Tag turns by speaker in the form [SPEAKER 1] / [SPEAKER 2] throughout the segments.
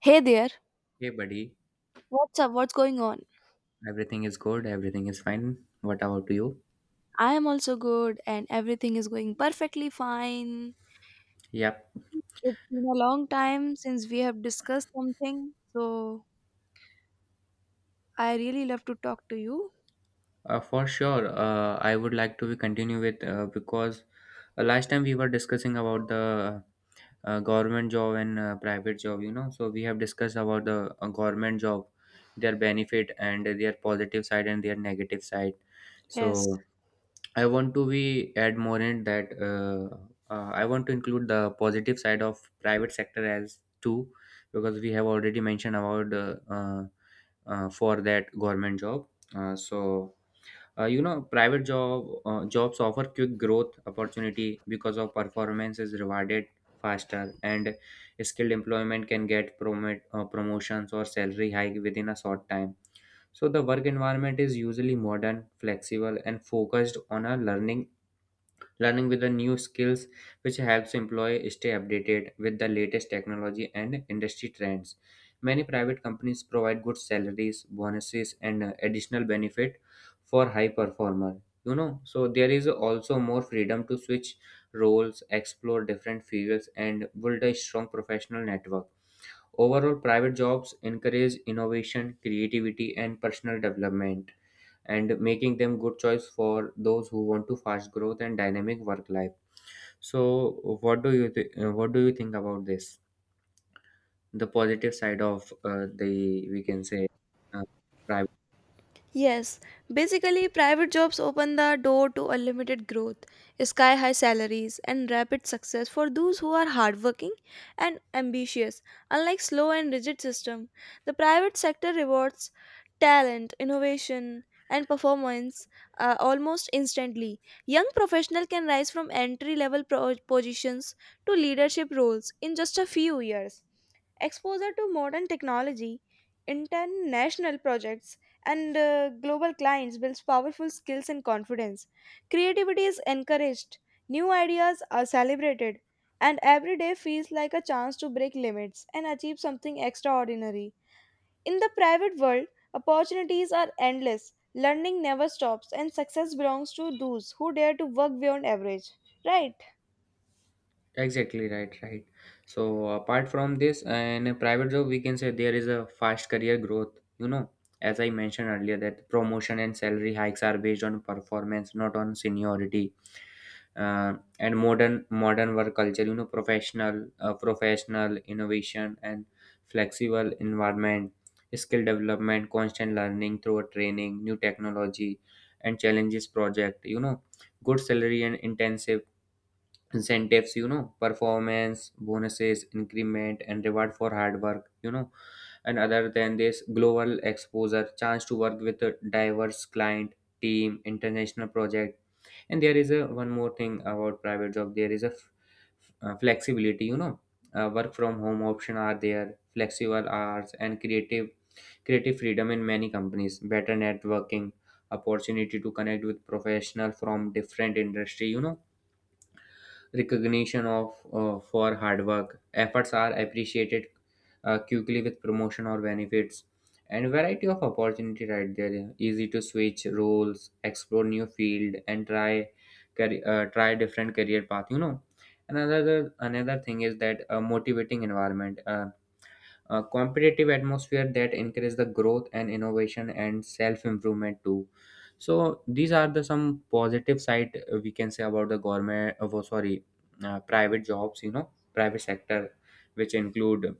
[SPEAKER 1] Hey there,
[SPEAKER 2] Hey, buddy.
[SPEAKER 1] what's up? What's going on?
[SPEAKER 2] Everything is good. Everything is fine. What about you?
[SPEAKER 1] I am also good and everything is going perfectly fine.
[SPEAKER 2] Yep.
[SPEAKER 1] It's been a long time since we have discussed something, so I really love to talk to you.
[SPEAKER 2] For sure. I would like to continue with because last time we were discussing about the government job and private job, you know. So we have discussed about the government job, their benefit and their positive side and their negative side.
[SPEAKER 1] Yes.
[SPEAKER 2] So I want to be add more in that I want to include the positive side of private sector as too because we have already mentioned about for that government job. Uh, so you know, private job jobs offer quick growth opportunity because of performance is rewarded faster, and skilled employment can get promote promotions or salary hike within a short time. So the work environment is usually modern, flexible, and focused on a learning with the new skills, which helps employee stay updated with the latest technology and industry trends. Many private companies provide good salaries, bonuses, and additional benefit for high performer, you know. So there is also more freedom to switch roles, explore different fields, and build a strong professional network. Overall, private jobs encourage innovation, creativity, and personal development, and making them good choice for those who want to fast growth and dynamic work life. So what do you think about this, the positive side of the, we can say, uh, private?
[SPEAKER 1] Yes, basically, private jobs open the door to unlimited growth, sky high salaries, and rapid success for those who are hardworking and ambitious. Unlike slow and rigid system, the private sector rewards talent, innovation, and performance almost instantly. Young professional can rise from entry level positions to leadership roles in just a few years. Exposure to modern technology, international projects, and global clients builds powerful skills and confidence. Creativity is encouraged, new ideas are celebrated, and every day feels like a chance to break limits and achieve something extraordinary. In the private world, opportunities are endless, learning never stops, and success belongs to those who dare to work beyond average. Right?
[SPEAKER 2] Exactly, right, right. So apart from this, in a private job, we can say there is a fast career growth, you know, as I mentioned earlier, that promotion and salary hikes are based on performance, not on seniority. And modern work culture, you know, professional innovation and flexible environment, skill development, constant learning through a training, new technology, and challenges project, you know, good salary and intensive incentives, you know, performance bonuses, increment, and reward for hard work, you know. And other than this, global exposure, chance to work with a diverse client team, international project. And there is a one more thing about private job, there is a flexibility, you know. Work from home option are there, flexible hours, and creative freedom in many companies, better networking opportunity to connect with professional from different industry, you know. Recognition of for hard work. Efforts are appreciated quickly with promotion or benefits, and variety of opportunity right there. Easy to switch roles, explore new field, and try try different career path. You know, another thing is that a motivating environment. A competitive atmosphere that encourages the growth and innovation and self improvement too. So these are the some positive side, we can say about the government, oh, sorry, private jobs, you know, private sector, which include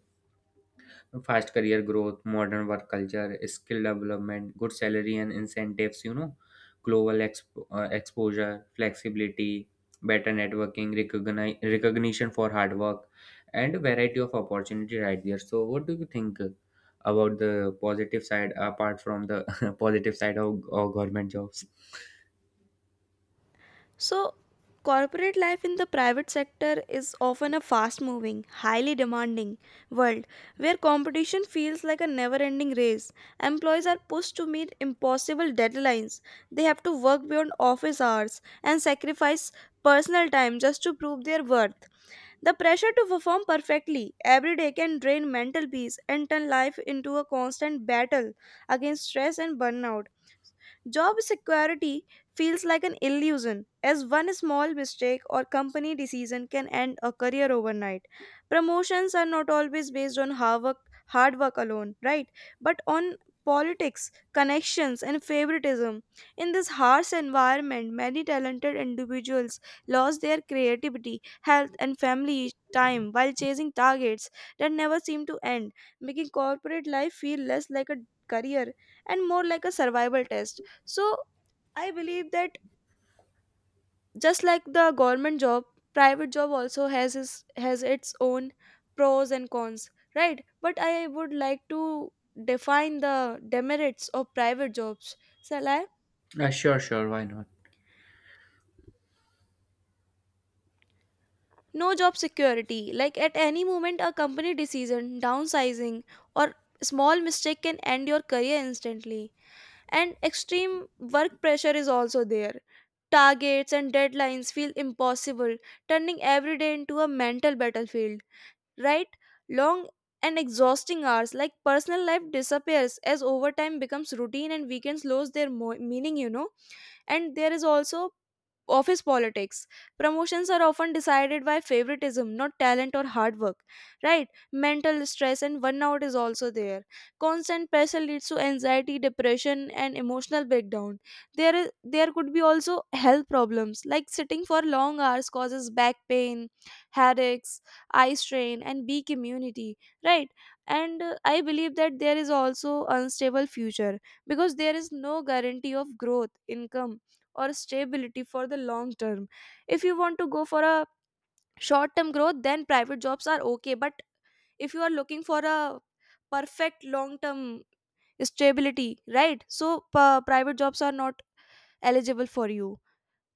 [SPEAKER 2] fast career growth, modern work culture, skill development, good salary and incentives, you know, exposure, flexibility, better networking, recognition for hard work, and a variety of opportunity right there. So, what do you think about the positive side apart from the positive side of government jobs?
[SPEAKER 1] So, corporate life in the private sector is often a fast moving, highly demanding world where competition feels like a never ending race. Employees are pushed to meet impossible deadlines. They have to work beyond office hours and sacrifice personal time just to prove their worth. The pressure to perform perfectly every day can drain mental peace and turn life into a constant battle against stress and burnout. Job security feels like an illusion, as one small mistake or company decision can end a career overnight. Promotions are not always based on hard work alone, right? But on politics, connections, and favoritism. In this harsh environment, many talented individuals lost their creativity, health, and family time while chasing targets that never seem to end, making corporate life feel less like a career and more like a survival test. So I believe that just like the government job, private job also has its own pros and cons, right? But I would like to define the demerits of private jobs. Shall I?
[SPEAKER 2] Sure, sure, why not?
[SPEAKER 1] No job security. Like at any moment, a company decision, downsizing, or small mistake can end your career instantly. And extreme work pressure is also there. Targets and deadlines feel impossible, turning every day into a mental battlefield, right? Long and exhausting hours, like personal life disappears as overtime becomes routine and weekends lose their meaning, And there is also office politics, promotions are often decided by favoritism not talent or hard work, right? Mental stress and burnout is also there, constant pressure leads to anxiety, depression, and emotional breakdown. There is, there could be also health problems like sitting for long hours causes back pain, headaches, eye strain, and weak immunity, right? And I believe that there is also unstable future, because there is no guarantee of growth, income, or stability for the long term. If you want to go for a short term growth, then private jobs are okay, but if you are looking for a perfect long term stability, right? So private jobs are not eligible for you.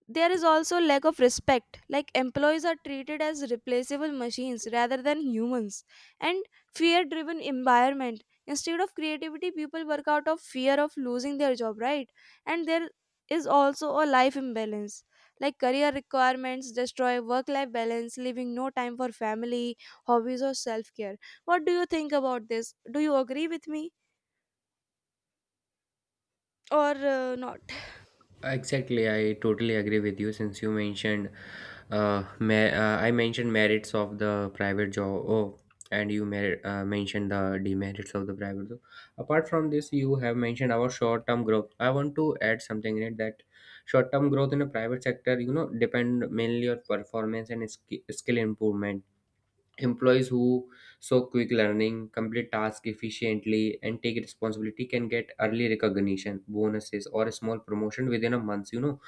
[SPEAKER 1] There is also lack of respect, like employees are treated as replaceable machines rather than humans, and fear driven environment, instead of creativity people work out of fear of losing their job, right? And there is also a life imbalance, like career requirements destroy work life balance, leaving no time for family, hobbies, or self care. What do you think about this? Do you agree with me or not?
[SPEAKER 2] Exactly, I totally agree with you. Since you mentioned, I mentioned merits of the private job. Oh, and you mentioned the demerits of the private job. Apart from this, you have mentioned our short-term growth. I want to add something in it, that short-term growth in the private sector, you know, depend mainly on performance and skill improvement. Employees who show quick learning, complete tasks efficiently, and take responsibility can get early recognition, bonuses, or a small promotion within a month. You know,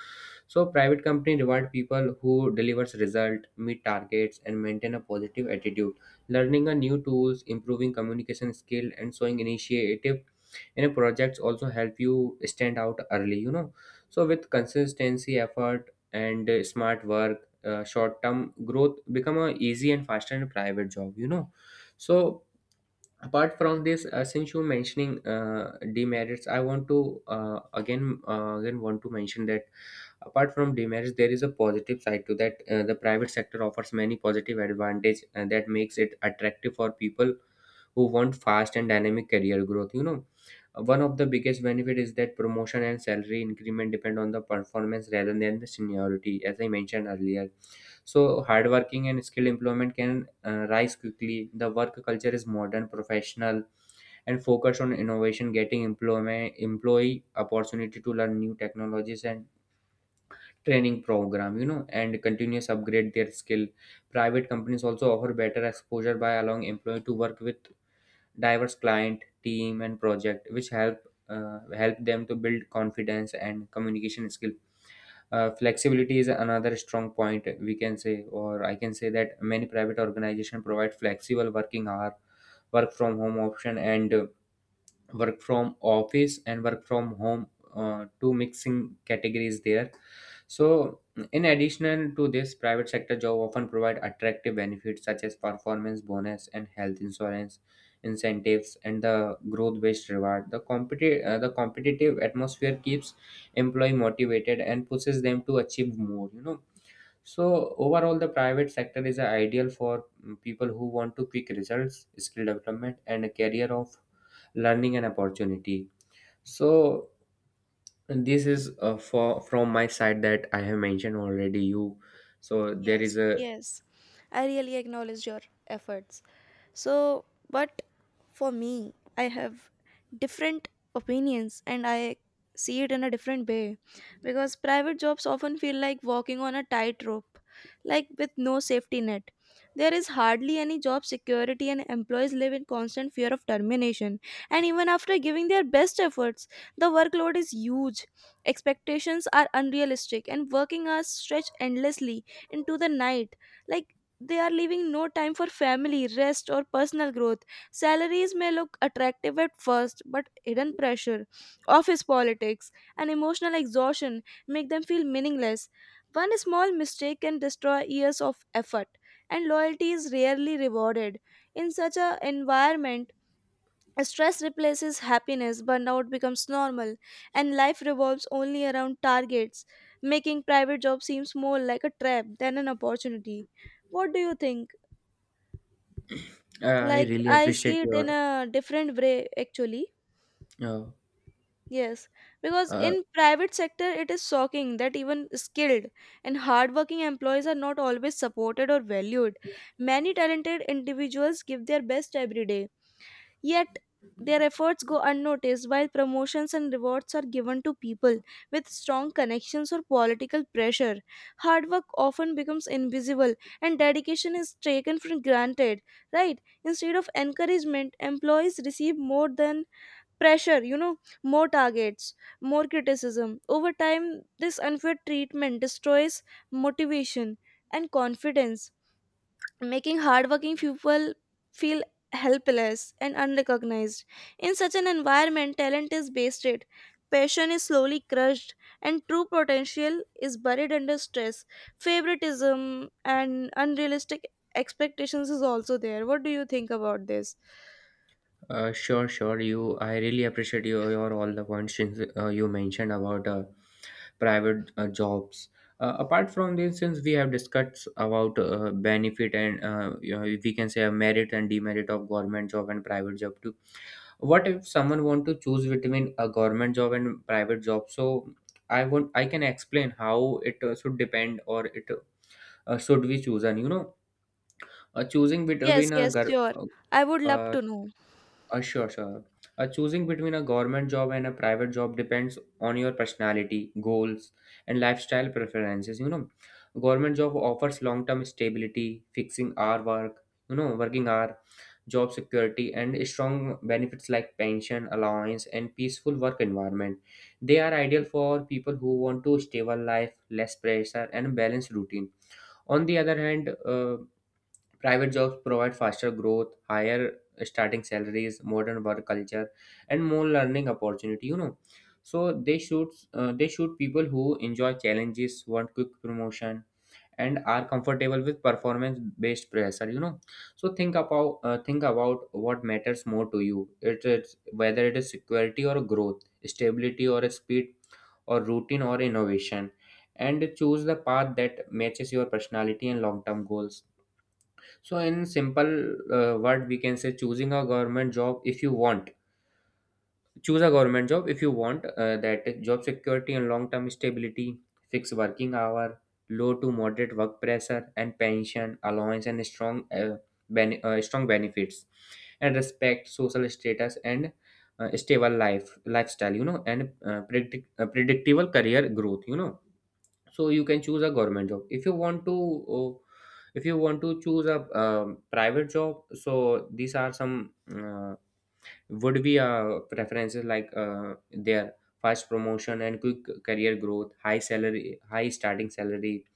[SPEAKER 2] so private company reward people who delivers result, meet targets, and maintain a positive attitude. Learning a new tools, improving communication skill, and showing initiative in a projects also help you stand out early. You know, so with consistency, effort, and smart work, short term growth become a easy and faster in private job, you know. So apart from this, since you mentioning demerits, I want to again want to mention that apart from demerits there is a positive side to that. Uh, the private sector offers many positive advantage and that makes it attractive for people who want fast and dynamic career growth, you know. One of the biggest benefit is that promotion and salary increment depend on the performance rather than the seniority, as I mentioned earlier. So, hardworking and skilled employment can rise quickly. The work culture is modern, professional, and focused on innovation, getting employment employee opportunity to learn new technologies and training program. You know, and continuous upgrade their skill. Private companies also offer better exposure by allowing employee to work with diverse client, team, and project, which help them to build confidence and communication skill. Flexibility is another strong point, we can say, or I can say that many private organizations provide flexible working hour, work from home option, and work from office and work from home, two mixing categories there. So in addition to this, private sector job often provide attractive benefits such as performance bonus and health insurance, incentives, and the growth based reward. The the competitive atmosphere keeps employee motivated and pushes them to achieve more, you know. So overall, the private sector is ideal for people who want to quick results, skill development, and a career of learning and opportunity. So this is for from my side that I have mentioned already, you. So there
[SPEAKER 1] Yes,
[SPEAKER 2] is a
[SPEAKER 1] yes. I really acknowledge your efforts. So, but for me, I have different opinions and I see it in a different way, because private jobs often feel like walking on a tightrope, like with no safety net. There is hardly any job security, and employees live in constant fear of termination. And even after giving their best efforts, the workload is huge, expectations are unrealistic, and working hours stretch endlessly into the night, like they are leaving no time for family, rest, or personal growth. Salaries may look attractive at first, but hidden pressure, office politics, and emotional exhaustion make them feel meaningless. One small mistake can destroy years of effort, and loyalty is rarely rewarded. In such an environment, stress replaces happiness, burnout becomes normal, and life revolves only around targets, making private job seems more like a trap than an opportunity. What do you think?
[SPEAKER 2] I
[SPEAKER 1] Like
[SPEAKER 2] really
[SPEAKER 1] I
[SPEAKER 2] appreciate
[SPEAKER 1] see it in
[SPEAKER 2] your
[SPEAKER 1] a different way actually.
[SPEAKER 2] uh,
[SPEAKER 1] Yes, because
[SPEAKER 2] uh,
[SPEAKER 1] in private sector it is shocking that even skilled and hardworking employees are not always supported or valued. Many talented individuals give their best every day. Yet their efforts go unnoticed while promotions and rewards are given to people with strong connections or political pressure. Hard work often becomes invisible and dedication is taken for granted, right? Instead of encouragement, employees receive more than pressure, more targets, more criticism. Over time, this unfair treatment destroys motivation and confidence, making hardworking people feel helpless and unrecognized. In such an environment, talent is wasted, passion is slowly crushed, and true potential is buried under stress. Favoritism and unrealistic expectations is also there. What do you think about this?
[SPEAKER 2] sure, sure, you. I really appreciate your all the points, since, you mentioned about private jobs. Apart from this, since we have discussed about benefit and you know, we can say a merit and demerit of government job and private job, what if someone want to choose between a government job and private job? So I want, I can explain how it should depend, or it should we choose, and you know, choosing
[SPEAKER 1] Yes,
[SPEAKER 2] between a
[SPEAKER 1] yes,
[SPEAKER 2] gov-
[SPEAKER 1] sure. I would love
[SPEAKER 2] uh,
[SPEAKER 1] to know.
[SPEAKER 2] sure, sure. Choosing between a government job and a private job depends on your personality, goals, and lifestyle preferences. You know, government job offers long-term stability, fixing hour work, you know, working hour, job security, and strong benefits like pension, allowance, and peaceful work environment. They are ideal for people who want to stable life, less pressure, and balanced routine. On the other hand, private jobs provide faster growth, higher starting salaries, modern work culture, and more learning opportunity. You know, so they should people who enjoy challenges, want quick promotion, and are comfortable with performance based pressure. You know, so think about what matters more to you. It is whether it is security or growth, stability or speed, or routine or innovation, and choose the path that matches your personality and long term goals. So, in simple word, we can say choosing a government job if you want. Choose a government job if you want that job security and long term stability, fixed working hour, low to moderate work pressure, and pension allowance and strong benefits, and respect, social status, and stable lifestyle. You know, and predictable career growth. You know, so you can choose a government job if you want to. Oh, if you want to choose a private job, so these are some would be preferences like their fast promotion and quick career growth, high salary, high starting salary,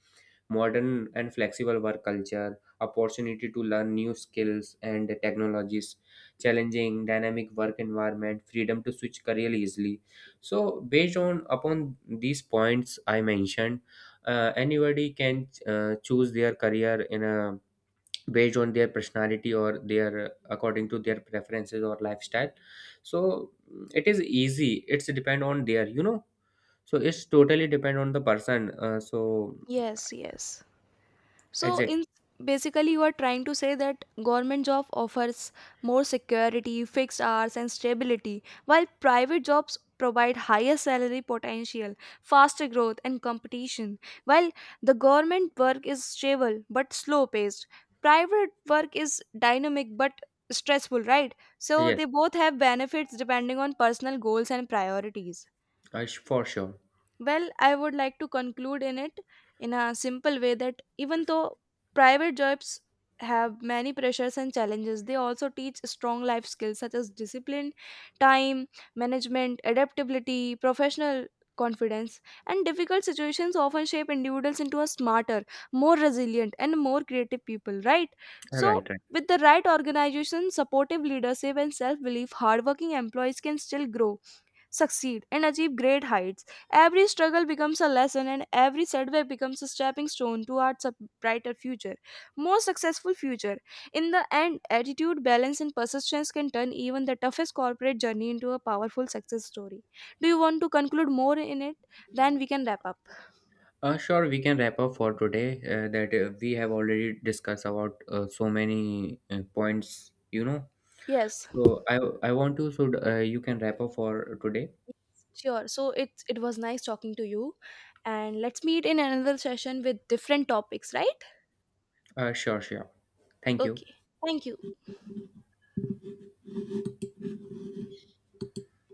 [SPEAKER 2] modern and flexible work culture, opportunity to learn new skills and technologies, challenging dynamic work environment, freedom to switch career easily. So based on upon these points I mentioned, anybody can choose their career in a based on their personality or their according to their preferences or lifestyle. So it is easy, it's depend on their, you know, so it's totally depend on the person. So
[SPEAKER 1] Yes, yes. So
[SPEAKER 2] exactly.
[SPEAKER 1] in basically you are trying to say that government job offers more security, fixed hours and stability, while private jobs provide higher salary potential, faster growth and competition. While the government work is stable but slow paced, private work is dynamic but stressful, right? So
[SPEAKER 2] Yes,
[SPEAKER 1] they both have benefits depending on personal goals and priorities.
[SPEAKER 2] for sure.
[SPEAKER 1] Well, I would like to conclude in it in a simple way that even though private jobs have many pressures and challenges, they also teach strong life skills such as discipline, time, management, adaptability, professional confidence, and difficult situations often shape individuals into a smarter, more resilient, and more creative people, right? So,
[SPEAKER 2] Right, right.
[SPEAKER 1] with the right organization, supportive leadership, and self belief, hardworking employees can still grow, succeed, and achieve great heights. Every struggle becomes a lesson, and every setback becomes a stepping stone towards a brighter future, more successful future. In the end, attitude, balance, and persistence can turn even the toughest corporate journey into a powerful success story. Do you want to conclude more in it? Then we can wrap up.
[SPEAKER 2] Sure, we can wrap up for today. That we have already discussed about so many points, you know.
[SPEAKER 1] Yes,
[SPEAKER 2] So I want to, so you can wrap up for today.
[SPEAKER 1] sure. So it was nice talking to you, and let's meet in another session with different topics, right?
[SPEAKER 2] Sure, sure. Thank you.
[SPEAKER 1] Okay. Thank you.